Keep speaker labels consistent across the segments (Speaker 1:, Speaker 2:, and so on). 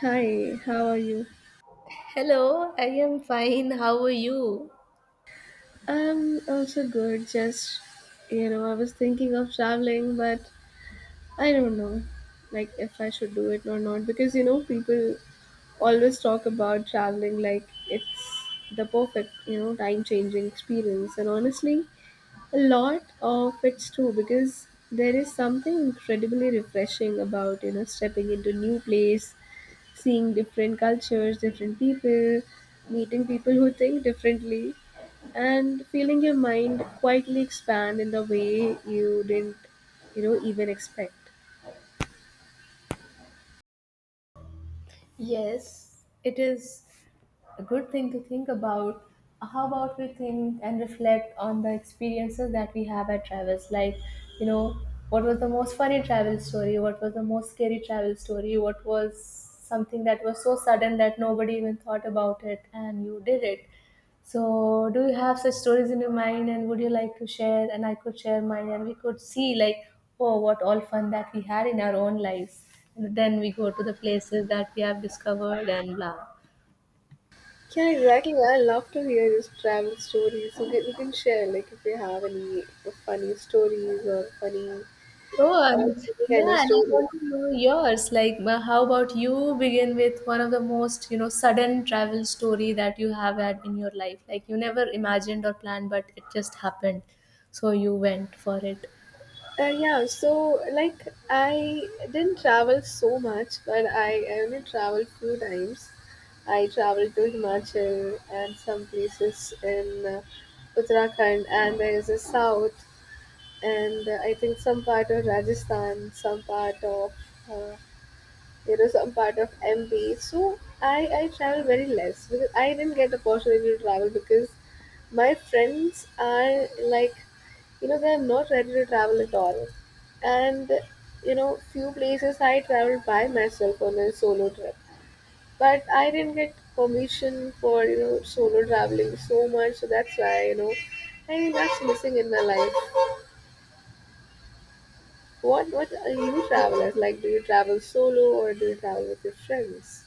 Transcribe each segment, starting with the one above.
Speaker 1: Hi, how are you?
Speaker 2: Hello, I am fine. How are you?
Speaker 1: I'm also good. Just, I was thinking of traveling, but I don't know, like, if I should do it or not. Because, you know, people always talk about traveling like it's the perfect, time changing experience. And honestly, a lot of it's true because there is something incredibly refreshing about stepping into new place, seeing different cultures, different people, meeting people who think differently, and feeling your mind quietly expand in the way you didn't even expect.
Speaker 2: Yes, it is a good thing to think about. How about we think and reflect on the experiences that we have at travels? Like, you know, what was the most funny travel story? What was the most scary travel story? What was something that was so sudden that nobody even thought about it and you did it? So, do you have such stories in your mind, and would you like to share? And I could share mine, and we could see like, oh, what all fun that we had in our own lives. And then we go to the places that we have discovered and blah.
Speaker 1: Yeah, exactly. I love to hear these travel stories. You can share like if you have any funny stories or funny
Speaker 2: Oh,
Speaker 1: or any kind of
Speaker 2: yeah, and I
Speaker 1: stories.
Speaker 2: want to know yours. Like, how about you begin with one of the most, you know, sudden travel story that you have had in your life? Like, you never imagined or planned, but it just happened. So you went for it.
Speaker 1: Yeah, so like I didn't travel so much, but I only traveled few times. I traveled to Himachal and some places in Uttarakhand, and there is a south, and I think some part of Rajasthan, some part of uh, some part of MB. So I travel very less because I didn't get the opportunity to travel because my friends are like they're not ready to travel at all, and few places I traveled by myself on a solo trip, but I didn't get permission for solo traveling so much. So that's why I think that's missing in my life. What are you travelers like? Do you travel solo or do you travel with your friends?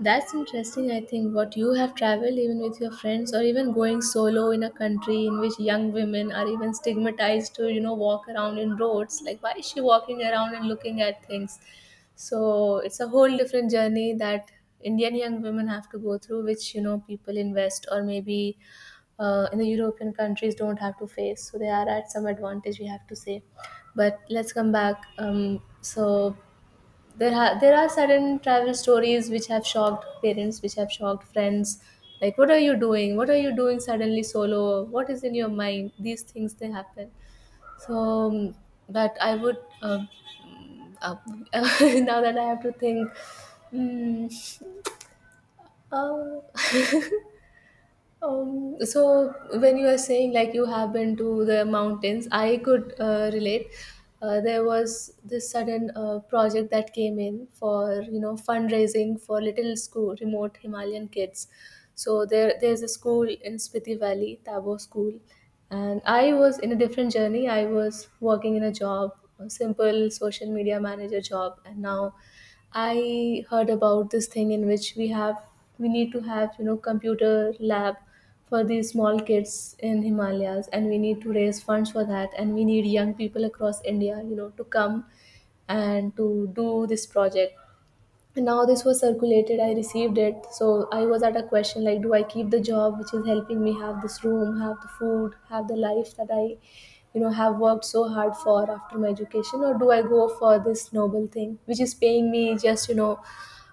Speaker 2: That's interesting. I think what you have traveled even with your friends or even going solo in a country in which young women are even stigmatized to, you know, walk around in roads. Like, why is she walking around and looking at things? So it's a whole different journey that Indian young women have to go through, which, you know, people in West or maybe in the European countries don't have to face. So they are at some advantage, we have to say. But let's come back. So there are certain travel stories which have shocked parents, which have shocked friends. Like, what are you doing? What are you doing suddenly solo? What is in your mind? These things they happen. So, um, but I would mm, uh, now that I have to think. mm, uh, so when you are saying like you have been to the mountains, I could relate. There was this sudden project that came in for you know fundraising for little school remote Himalayan kids, so there's a school in Spiti Valley, Tabo School, and I was in a different journey. I was working in a job, a simple social media manager job, and now I heard about this thing in which we need to have you know computer lab for these small kids in Himalayas, and we need to raise funds for that, and we need young people across India, you know, to come and to do this project. Now this was circulated, I received it, so I was at a question like, do I keep the job which is helping me have this room, have the food, have the life that I, you know, have worked so hard for after my education, or do I go for this noble thing which is paying me just, you know,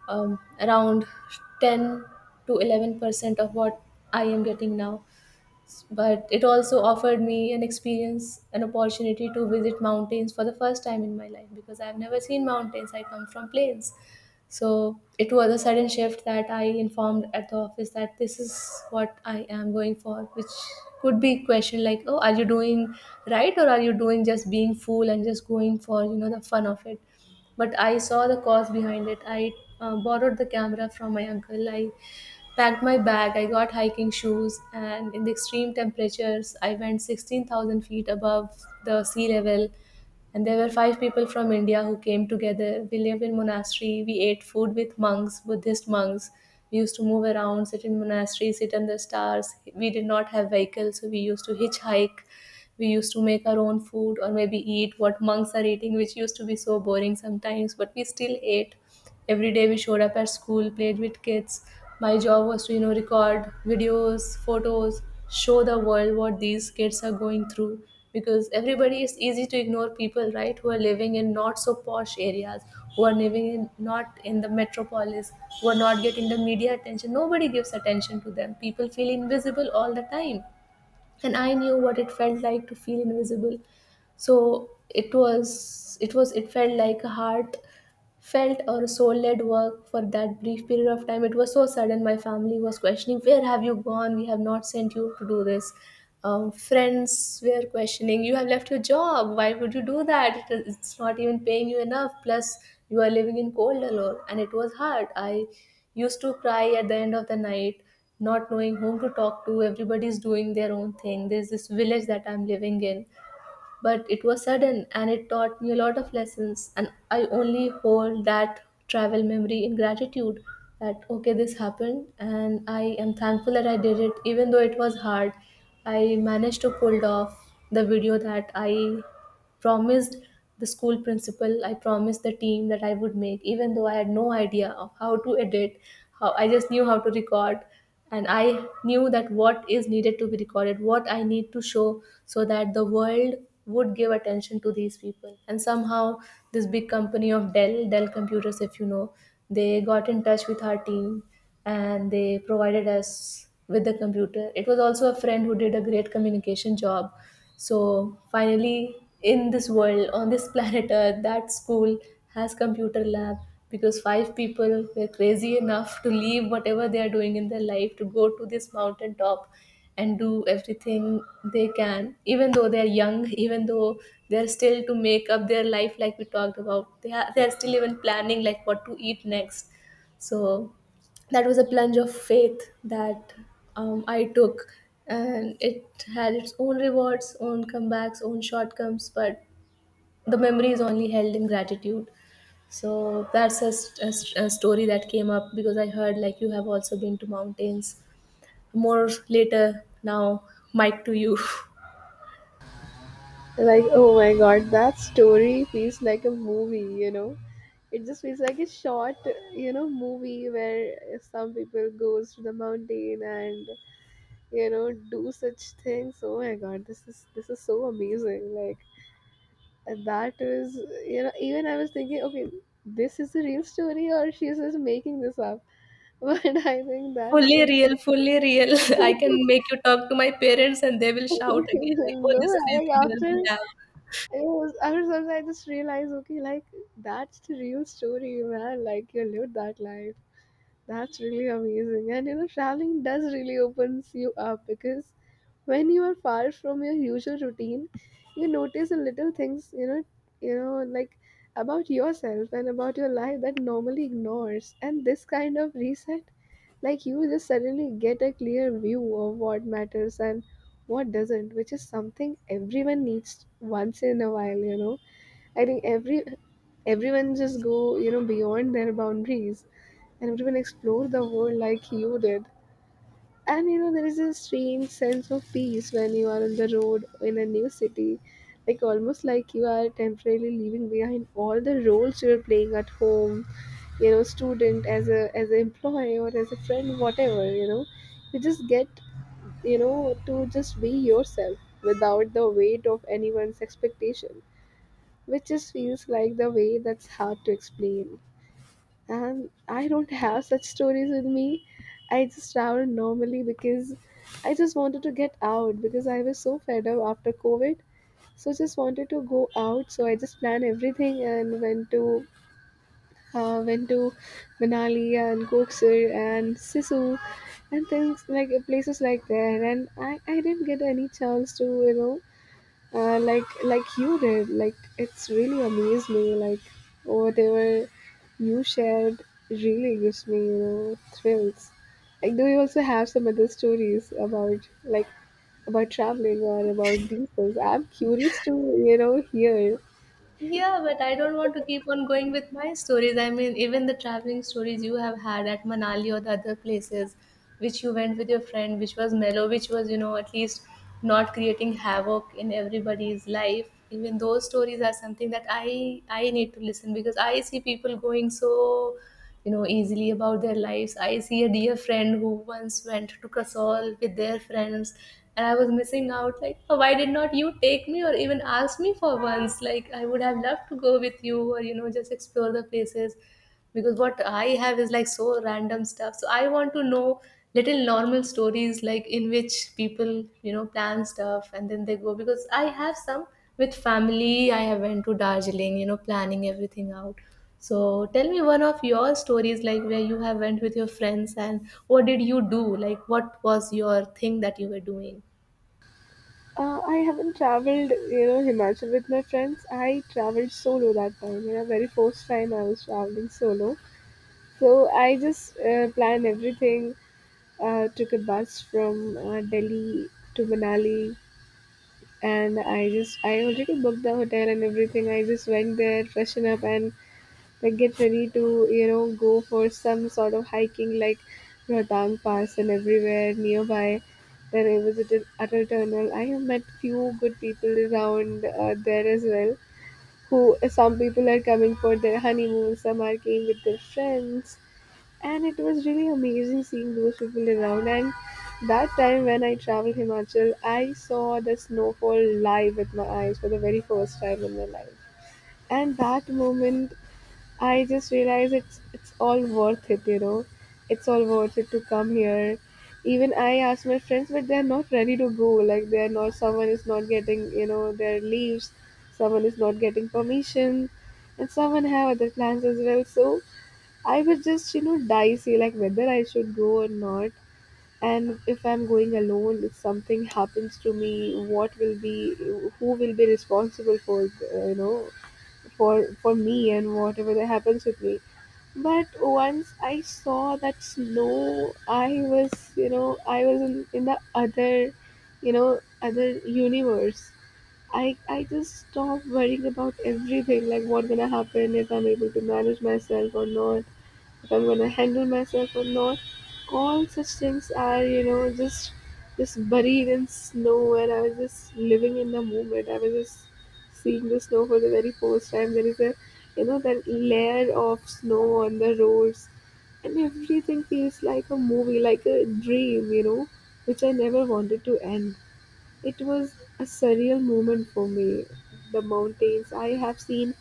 Speaker 2: around 10 to 11% of what I am getting now? But it also offered me an experience, an opportunity to visit mountains for the first time in my life because I've never seen mountains. I come from plains. So it was a sudden shift that I informed at the office that this is what I am going for, which could be questioned like, oh, are you doing right or are you doing just being fool and just going for you know the fun of it? But I saw the cause behind it. I borrowed the camera from my uncle. I packed my bag, I got hiking shoes, and in the extreme temperatures, I went 16,000 feet above the sea level. And there were five people from India who came together. We lived in monastery. We ate food with monks, Buddhist monks. We used to move around, sit in monastery, sit under stars. We did not have vehicles, so we used to hitchhike. We used to make our own food or maybe eat what monks are eating, which used to be so boring sometimes, but we still ate. Every day we showed up at school, played with kids. My job was to, you know, record videos, photos, show the world what these kids are going through. Because everybody is easy to ignore people, right, who are living in not so posh areas, who are living in not in the metropolis, who are not getting the media attention. Nobody gives attention to them. People feel invisible all the time. And I knew what it felt like to feel invisible, so it felt like a heart felt or soul led work for that brief period of time. It was so sudden. My family was questioning, where have you gone? We have not sent you to do this. Friends were questioning, you have left your job. Why would you do that? It's not even paying you enough. Plus, you are living in cold alone. And it was hard. I used to cry at the end of the night. Not knowing whom to talk to, everybody's doing their own thing. There's this village that I'm living in, but it was sudden and it taught me a lot of lessons, and I only hold that travel memory in gratitude, that okay, this happened and I am thankful that I did it even though it was hard. I managed to pull off the video that I promised the school principal, I promised the team that I would make, even though I had no idea of how to edit. How I just knew how to record, and I knew that what is needed to be recorded, what I need to show, so that the world would give attention to these people. And somehow, this big company of Dell, Dell Computers, if you know, they got in touch with our team and they provided us with the computer. It was also a friend who did a great communication job. So finally, in this world, on this planet Earth, that school has computer lab because five people were crazy enough to leave whatever they are doing in their life to go to this mountain top and do everything they can, even though they are young even though they're still to make up their life, like we talked about, they are, they're still even planning like what to eat next. So that was a plunge of faith that I took, and it had its own rewards, own comebacks, own shortcomings, but the memory is only held in gratitude. So that's a story that came up because I heard like you have also been to mountains. More later now, mic to you.
Speaker 1: Like, oh my god, that story feels like a movie, you know. It just feels like a short, you know, movie where some people goes to the mountain and do such things. Oh my god, this is so amazing. Like and that is, you know, even I was thinking, okay, this is the real story or she's just making this up. But I think that's
Speaker 2: Fully
Speaker 1: the
Speaker 2: real, fully real. I can make you talk to my parents and they will shout again like, "Oh,
Speaker 1: no,
Speaker 2: this
Speaker 1: like
Speaker 2: crazy girl
Speaker 1: after
Speaker 2: we
Speaker 1: it
Speaker 2: have."
Speaker 1: was after some time I just realized, okay, like that's the real story, man. Like you lived that life. That's really amazing. And you know, traveling does really opens you up because when you are far from your usual routine you notice the little things like about yourself and about your life that normally ignores, and this kind of reset, like you just suddenly get a clear view of what matters and what doesn't, which is something everyone needs once in a while, you know. I think everyone just go beyond their boundaries and everyone explore the world like you did. And you know, there is a strange sense of peace when you are on the road in a new city. Like almost like you are temporarily leaving behind all the roles you are playing at home, you know, student as an employee or as a friend, whatever, you know. You just get, you know, to just be yourself without the weight of anyone's expectation. Which just feels like the way that's hard to explain. And I don't have such stories with me. I just travel normally because I just wanted to get out because I was so fed up after COVID. So just wanted to go out. So I just planned everything and went to uh, went to Manali and Koksir and Sisu and things like places like that. And I didn't get any chance to like you did, like it's really amazed me like whatever you shared really gives me thrills. Like do you also have some other stories about like about traveling or about these things? I'm curious to hear.
Speaker 2: Yeah, but I don't want to keep on going with my stories. I mean, even the traveling stories you have had at Manali or the other places, which you went with your friend, which was mellow, which was, you know, at least not creating havoc in everybody's life. Even those stories are something that I need to listen, because I see people going so you know easily about their lives. I see a dear friend who once went to Kasol with their friends, and I was missing out like, "Oh, why did not you take me or even ask me for once, like I would have loved to go with you, or you know, just explore the places, because what I have is like so random stuff. So I want to know little normal stories like in which people, you know, plan stuff and then they go, because I have some with family. I have went to Darjeeling, you know, planning everything out. So tell me one of your stories, like where you have went with your friends and what did you do, like what was your thing that you were doing.
Speaker 1: I haven't traveled Himachal with my friends. I traveled solo that time, you know, very first time I was traveling solo. So I just plan everything. Took a bus from Delhi to Manali, and I already booked the hotel and everything. I just went there, freshen up, and like get ready to go for some sort of hiking like Rohtang Pass and everywhere nearby. Then I visited Atal Tunnel. I have met few good people around there as well. Who some people are coming for their honeymoon, some are came with their friends, and it was really amazing seeing those people around. And that time when I traveled Himachal, I saw the snowfall live with my eyes for the very first time in my life. And that moment I just realized it's all worth it, you know, it's all worth it to come here. Even I asked my friends, but they're not ready to go. Like they're not someone is not getting their leaves, someone is not getting permission, and someone have other plans as well. So I was just, you know, dicey, like whether I should go or not. And if I'm going alone, if something happens to me, what will be, who will be responsible for, you know, for me and whatever that happens with me. But once I saw that snow, I was, you know, I was in the other, you know, other universe. I just stopped worrying about everything, like what's gonna happen if I'm able to manage myself or not, if I'm gonna handle myself or not. All such things are, you know, just buried in snow, and I was just living in the moment. I was just seeing the snow for the very first time. There is a you know that layer of snow on the roads, and everything feels like a movie, like a dream, you know, which I never wanted to end. It was a surreal moment for me. The mountains I have seen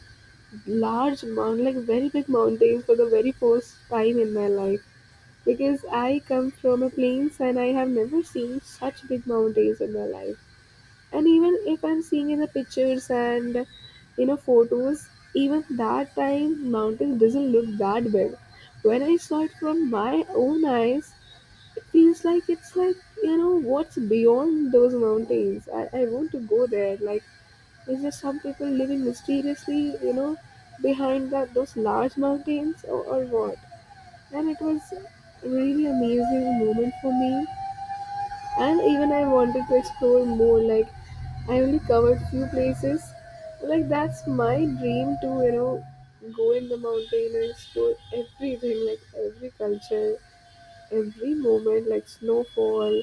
Speaker 1: large mountain, like very big mountains for the very first time in my life, because I come from a plains and I have never seen such big mountains in my life. And even if I'm seeing in the pictures and photos, even that time mountain doesn't look that big. When I saw it from my own eyes, it feels like it's like you know what's beyond those mountains. I want to go there. Like it's just some people living mysteriously, you know, behind that those large mountains, or what. And it was a really amazing moment for me. And even I wanted to explore more. Like I only covered few places. Like that's my dream to go in the mountain and explore everything, like every culture, every moment, like snowfall,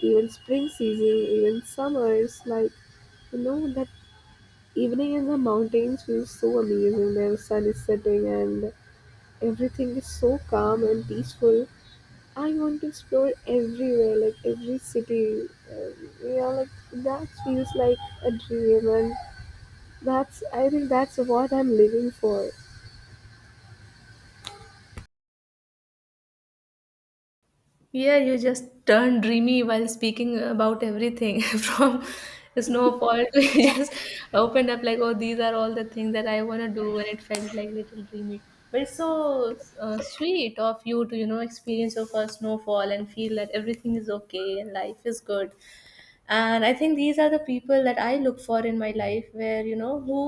Speaker 1: even spring season, even summers, like you know that evening in the mountains feels so amazing. The sun is setting and everything is so calm and peaceful. I want to explore everywhere, like every city. Uh, yeah, like that feels like a dream, and that's I think that's what I'm living for.
Speaker 2: Yeah, you just turned dreamy while speaking about everything from snowfall to you just opened up like, oh, these are all the things that I want to do, and it felt like little dreamy. But it's so sweet of you to, experience your first snowfall and feel that everything is okay and life is good, and I think these are the people that I look for in my life, where who,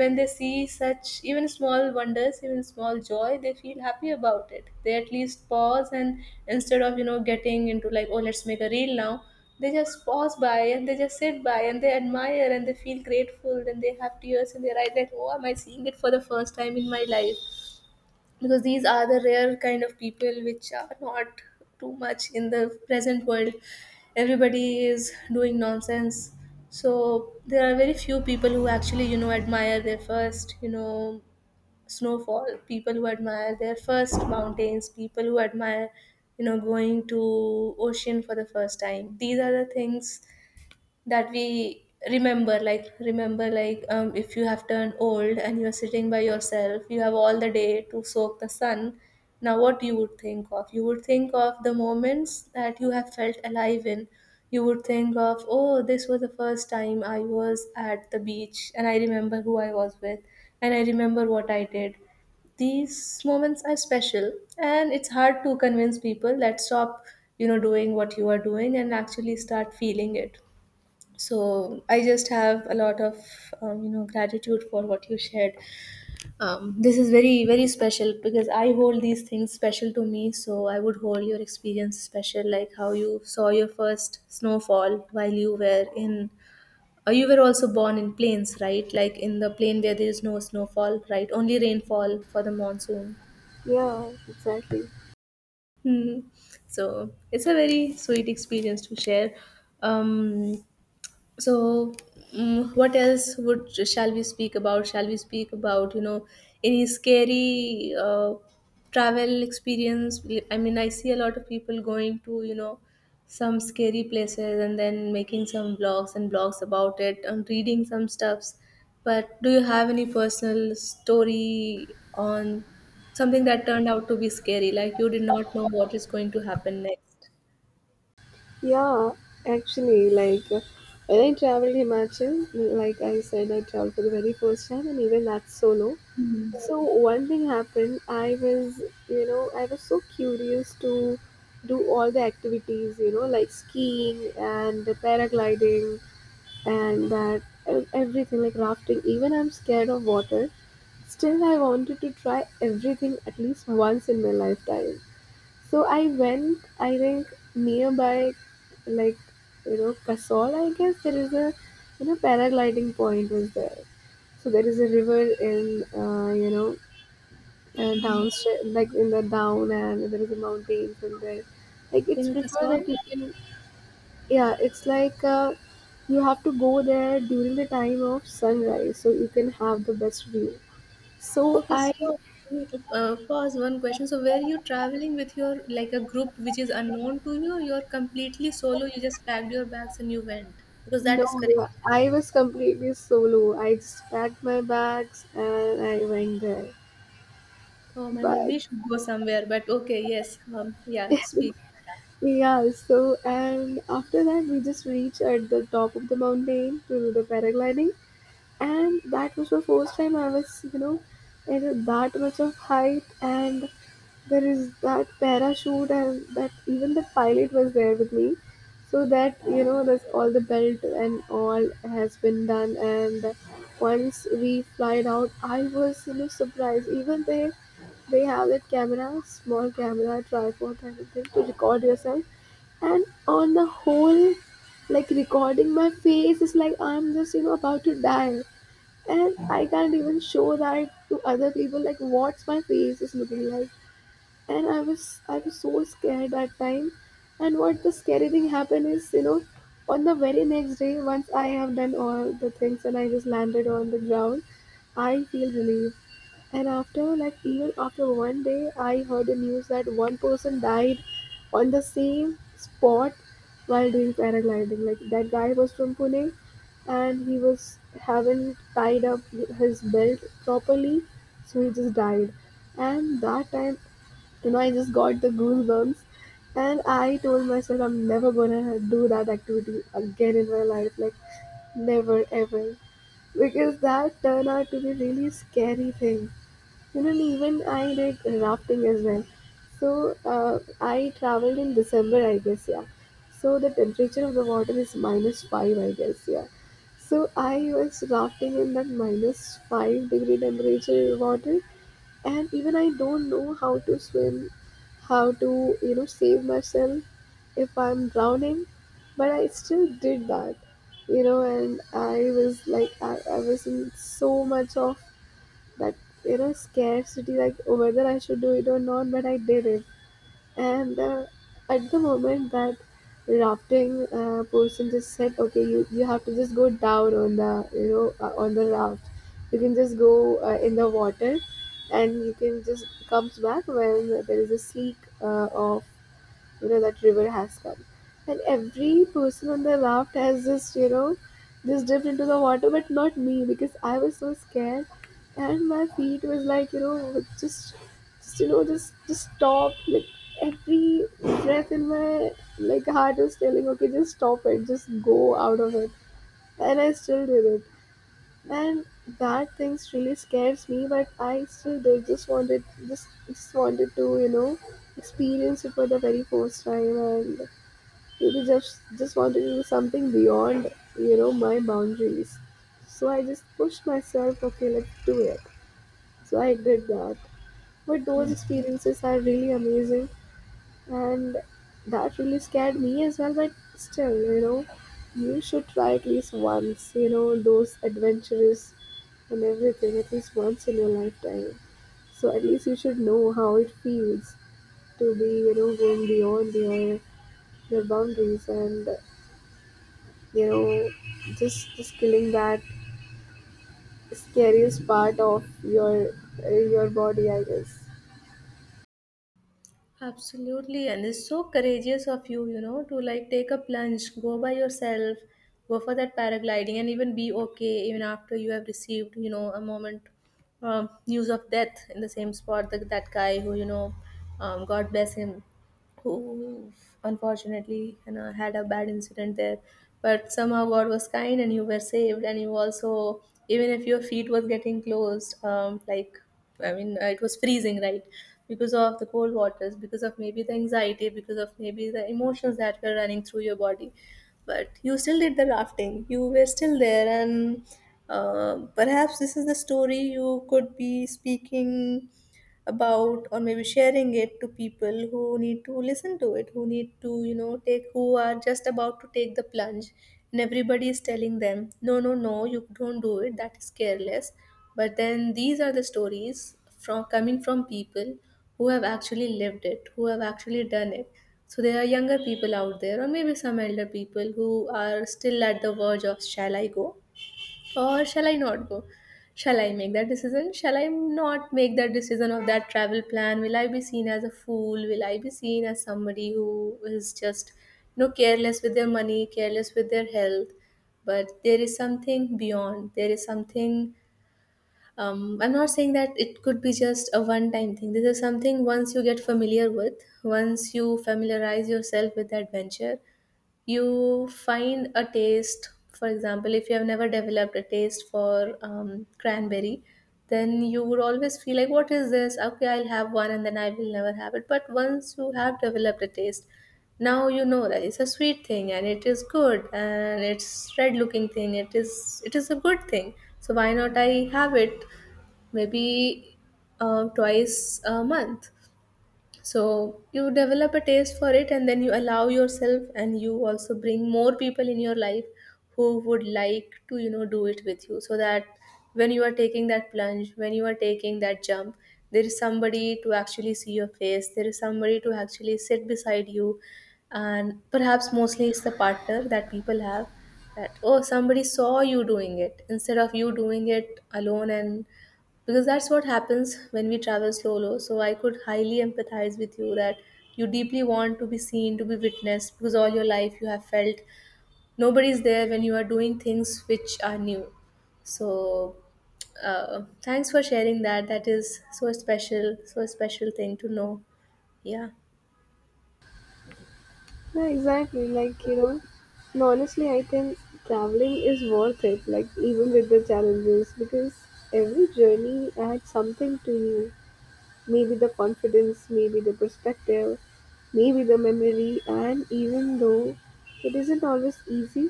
Speaker 2: when they see such even small wonders, even small joy, they feel happy about it. They at least pause, and instead of getting into like, oh, let's make a reel now, they just pause by and they just sit by and they admire and they feel grateful and they have tears in their eyes that, oh, am I seeing it for the first time in my life? Because these are the rare kind of people which are not too much in the present world. Everybody is doing nonsense. So there are very few people who actually, admire their first, snowfall, people who admire their first mountains, people who admire, going to ocean for the first time. These are the things that we remember, like remember like, if you have turned old and you're sitting by yourself, you have all the day to soak the sun. Now what you would think of, you would think of the moments that you have felt alive in. You would think of, oh, this was the first time I was at the beach and I remember who I was with, and I remember what I did. These moments are special, and it's hard to convince people that stop doing what you are doing and actually start feeling it. So I just have a lot of gratitude for what you shared. This is very very special because I hold these things special to me, so I would hold your experience special, like how you saw your first snowfall while you were in, you were also born in plains, right? Like in the plain where there is no snowfall, right? Only rainfall for the monsoon.
Speaker 1: Yeah, exactly.
Speaker 2: Hmm. So it's a very sweet experience to share. um so what else would, shall we speak about? Shall we speak about, any scary travel experience? I mean, I see a lot of people going to, some scary places and then making some blogs and blogs about it and reading some stuffs, but do you have any personal story on something that turned out to be scary, like you did not know what is going to happen next?
Speaker 1: Yeah, actually, like when I traveled Himachal, like I said, I traveled for the very first time, and even that's solo.
Speaker 2: Mm.
Speaker 1: So one thing happened. I was, you know, I was so curious to do all the activities, you know, like skiing and the paragliding and that everything like rafting. Even I'm scared of water. Still, I wanted to try everything at least once in my lifetime. So I went. I think nearby, like you know, Kasol. I guess there is a, you know, paragliding point was there. So there is a river in, you know,
Speaker 2: Mm.
Speaker 1: downstairs, like in the down, and there is a mountain somewhere. Like it's
Speaker 2: In
Speaker 1: prefer
Speaker 2: Kasol?
Speaker 1: that you can, yeah, it's like you have to go there during the time of sunrise so you can have the best view. So
Speaker 2: Okay,
Speaker 1: I
Speaker 2: so pause, one question. So, were you traveling with your, like, a group which is unknown to you? You're completely solo. You just packed your bags and you went, because that is
Speaker 1: know
Speaker 2: correct.
Speaker 1: I was completely solo. I just packed my bags and I went there.
Speaker 2: Oh my God,
Speaker 1: But
Speaker 2: we should go somewhere. But okay, yes, yeah, speak. Yeah.
Speaker 1: yeah, so and after that we just reached at the top of the mountain to do the paragliding. And that was the first time I was, you know, in that much of height, and there is that parachute, and that even the pilot was there with me, so that you know, this all the belt and all has been done. And once we flied out, I was you know surprised. Even they have that camera, small camera, tripod kind of thing to record yourself, and on the whole, like recording my face is like I'm just you know about to die, and I can't even show that to other people like what's my face is looking like. And I was so scared that time. And what the scary thing happened is, you know, on the very next day, once I have done all the things and I just landed on the ground, I feel relieved. And after, like, even after one day, I heard the news that one person died on the same spot while doing paragliding. Like, that guy was from Pune and he was haven't tied up his belt properly, so he just died. And that time, you know, I just got the goosebumps. And I told myself I'm never gonna do that activity again in my life, like never ever, because that turned out to be really scary thing. You know, and even I did rafting as well. So I traveled in December, I guess, yeah. So the temperature of the water is minus five, I guess, yeah. So I was rafting in that minus five degree temperature water, and even I don't know how to swim, how to you know save myself if I'm drowning, but I still did that, you know, and I was like I was in so much of that you know scarcity like, "Oh, whether I should do it or not," but I did it and at the moment that rafting person just said, okay, you have to just go down on the you know on the raft, you can just go in the water, and you can just comes back when there is a sleek or you know that river has come. And every person on the raft has just you know just dipped into the water, but not me, because I was so scared. And my feet was like you know just just stop, like every breath in my like heart was telling, okay, just stop it, just go out of it. And I still did it. And that thing really scares me, but I still did, just wanted, just wanted to you know experience it for the very first time. And maybe just want to do something beyond you know my boundaries. So I just pushed myself, okay, let's do it. So I did that, but those
Speaker 2: Hmm.
Speaker 1: experiences are really amazing. And that really scared me as well, but still you know you should try at least once, you know, those adventures and everything at least once in your lifetime. So at least you should know how it feels to be you know going beyond your boundaries, and you know just killing that scariest part of your body, I guess.
Speaker 2: Absolutely, and it's so courageous of you, you know, to like take a plunge, go by yourself, go for that paragliding, and even be okay even after you have received, you know, a moment, news of death in the same spot, that that guy who, you know, God bless him, who unfortunately, you know, had a bad incident there. But somehow God was kind and you were saved, and you also, even if your feet was getting closed, um, like, I mean, it was freezing, right? Because of the cold waters, because of maybe the anxiety, because of maybe the emotions that were running through your body, but you still did the rafting. You were still there, and perhaps this is the story you could be speaking about, or maybe sharing it to people who need to listen to it, who need to, you know, take, who are just about to take the plunge, and everybody is telling them, no, no, no, you don't do it, that is careless. But then these are the stories from coming from people who have actually lived it, who have actually done it. So there are younger people out there, or maybe some elder people who are still at the verge of, shall I go or shall I not go? Shall I make that decision? Shall I not make that decision of that travel plan? Will I be seen as a fool? Will I be seen as somebody who is just, you know, careless with their money, careless with their health? But there is something beyond. There is something. I'm not saying that it could be just a one-time thing. This is something once you get familiar with, once you familiarize yourself with the adventure, you find a taste. For example, if you have never developed a taste for cranberry, then you would always feel like, what is this, okay, I'll have one, and then I will never have it. But once you have developed a taste, now you know that it's a sweet thing and it is good and it's red looking thing, it is, it is a good thing, so why not I have it, maybe twice a month. So you develop a taste for it, and then you allow yourself, and you also bring more people in your life who would like to, you know, do it with you, so that when you are taking that plunge, when you are taking that jump, there is somebody to actually see your face, there is somebody to actually sit beside you. And perhaps mostly it's the partner that people have, that, oh, somebody saw you doing it, instead of you doing it alone. And because that's what happens when we travel solo. So I could highly empathize with you, that you deeply want to be seen, to be witnessed, because all your life you have felt nobody's there when you are doing things which are new. So thanks for sharing that. That is so special, so special thing to know. Yeah.
Speaker 1: Yeah, exactly, like you know, no honestly I think traveling is worth it, like even with the challenges, because every journey adds something to you. Maybe the confidence, maybe the perspective, maybe the memory. And even though it isn't always easy,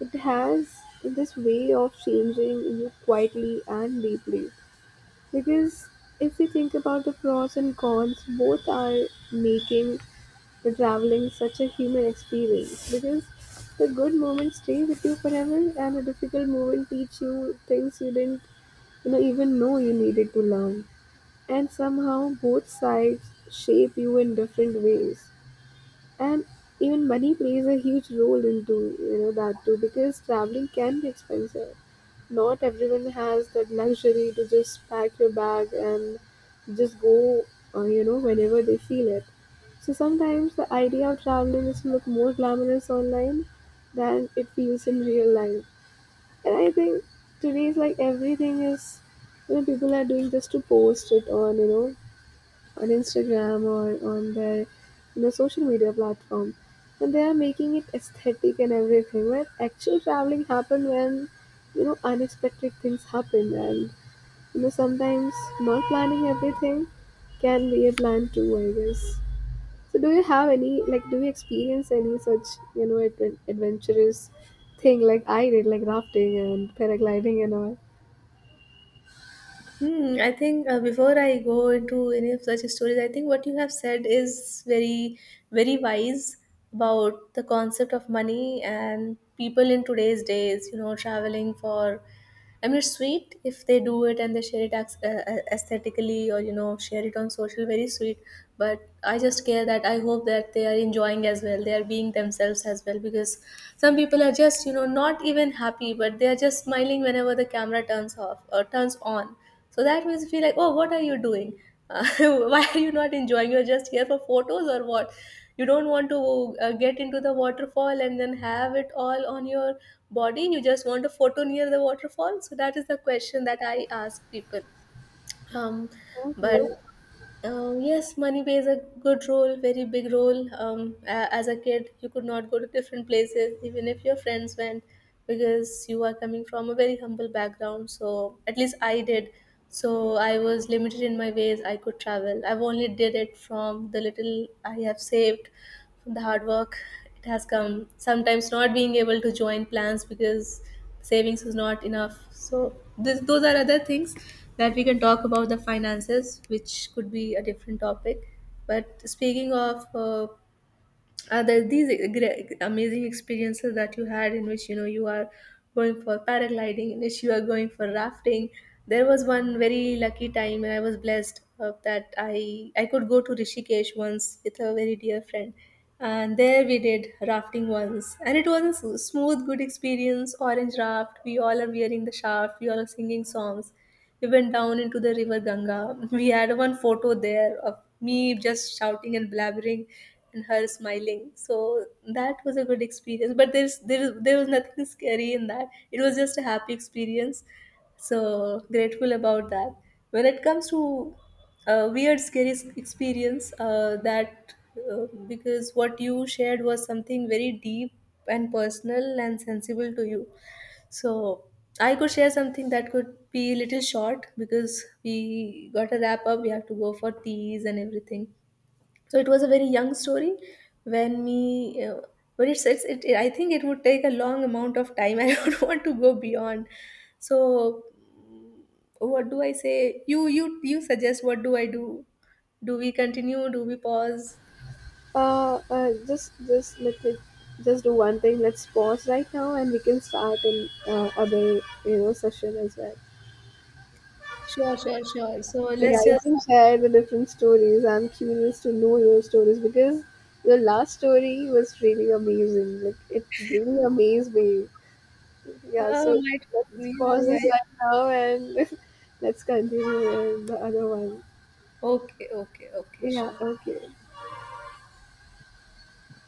Speaker 1: it has this way of changing you quietly and deeply. Because if we think about the pros and cons, both are making the traveling such a human experience. Because the good moments stay with you forever, and the difficult moment teach you things you didn't, you know, even know you needed to learn. And somehow, both sides shape you in different ways. And even money plays a huge role into you know that too, because traveling can be expensive, not everyone has that luxury to just pack your bag and just go, you know, whenever they feel it. So sometimes the idea of traveling is to look more glamorous online than it feels in real life. And I think today is like everything is you know people are doing just to post it on you know on Instagram, or on their you know social media platform, and they are making it aesthetic and everything. Where actual traveling happen when you know unexpected things happen, and you know sometimes not planning everything can be a plan too, I guess. So, do you have any like do you experience any such you know adventurous thing like I did, like rafting and paragliding and all?
Speaker 2: Hmm, I think before I go into any of such stories, I think what you have said is very, very wise about the concept of money and people in today's days, you know, traveling for. I mean, it's sweet if they do it and they share it aesthetically, or, you know, share it on social, very sweet. But I just care that I hope that they are enjoying as well, they are being themselves as well, because some people are just, you know, not even happy, but they are just smiling whenever the camera turns off or turns on, so that makes me feel like, oh, what are you doing? Uh, why are you not enjoying? You're just here for photos or what? You don't want to get into the waterfall and then have it all on your body. You just want a photo near the waterfall. So that is the question that I ask people. Um, but
Speaker 1: Okay.
Speaker 2: yes, money plays a good role, very big role. As a kid, you could not go to different places, even if your friends went, because you are coming from a very humble background. So, at least I did. So, I was limited in my ways I could travel. I've only did it from the little I have saved, from the hard work it has come. Sometimes not being able to join plans because savings was not enough. So, this, those are other things that we can talk about, the finances, which could be a different topic. But speaking of other these great, amazing experiences that you had, in which you know you are going for paragliding, in which you are going for rafting, there was one very lucky time, and I was blessed of that I could go to Rishikesh once with a very dear friend. And there we did rafting once, and it was a smooth, good experience. Orange raft, we all are wearing the shaft, we all are singing songs, we went down into the river Ganga. We had one photo there of me just shouting and blabbering and her smiling. So that was a good experience. But there's there is there was nothing scary in that. It was just a happy experience. So grateful about that. When it comes to a weird scary experience that, because what you shared was something very deep and personal and sensible to you, so I could share something that could be a little short, because we got a wrap up, we have to go for teas and everything. So it was a very young story when me, but I think it would take a long amount of time. I don't want to go beyond. So what do I say? You suggest, what do I do? Do we continue? Do we pause?
Speaker 1: Just let me just do one thing. Let's pause right now, and we can start in other, you know, session as well.
Speaker 2: Sure, sure, sure. So
Speaker 1: Yeah,
Speaker 2: let's
Speaker 1: you
Speaker 2: just,
Speaker 1: can share the different stories. I'm curious to know your stories because your last story was really amazing. Like it really amazed me. Yeah,
Speaker 2: uh,
Speaker 1: so
Speaker 2: might, yeah,
Speaker 1: let's pause
Speaker 2: yeah,
Speaker 1: this
Speaker 2: yeah.
Speaker 1: right now and let's continue with the other one.
Speaker 2: Okay, okay, okay,
Speaker 1: Yeah,
Speaker 2: sure.
Speaker 1: okay.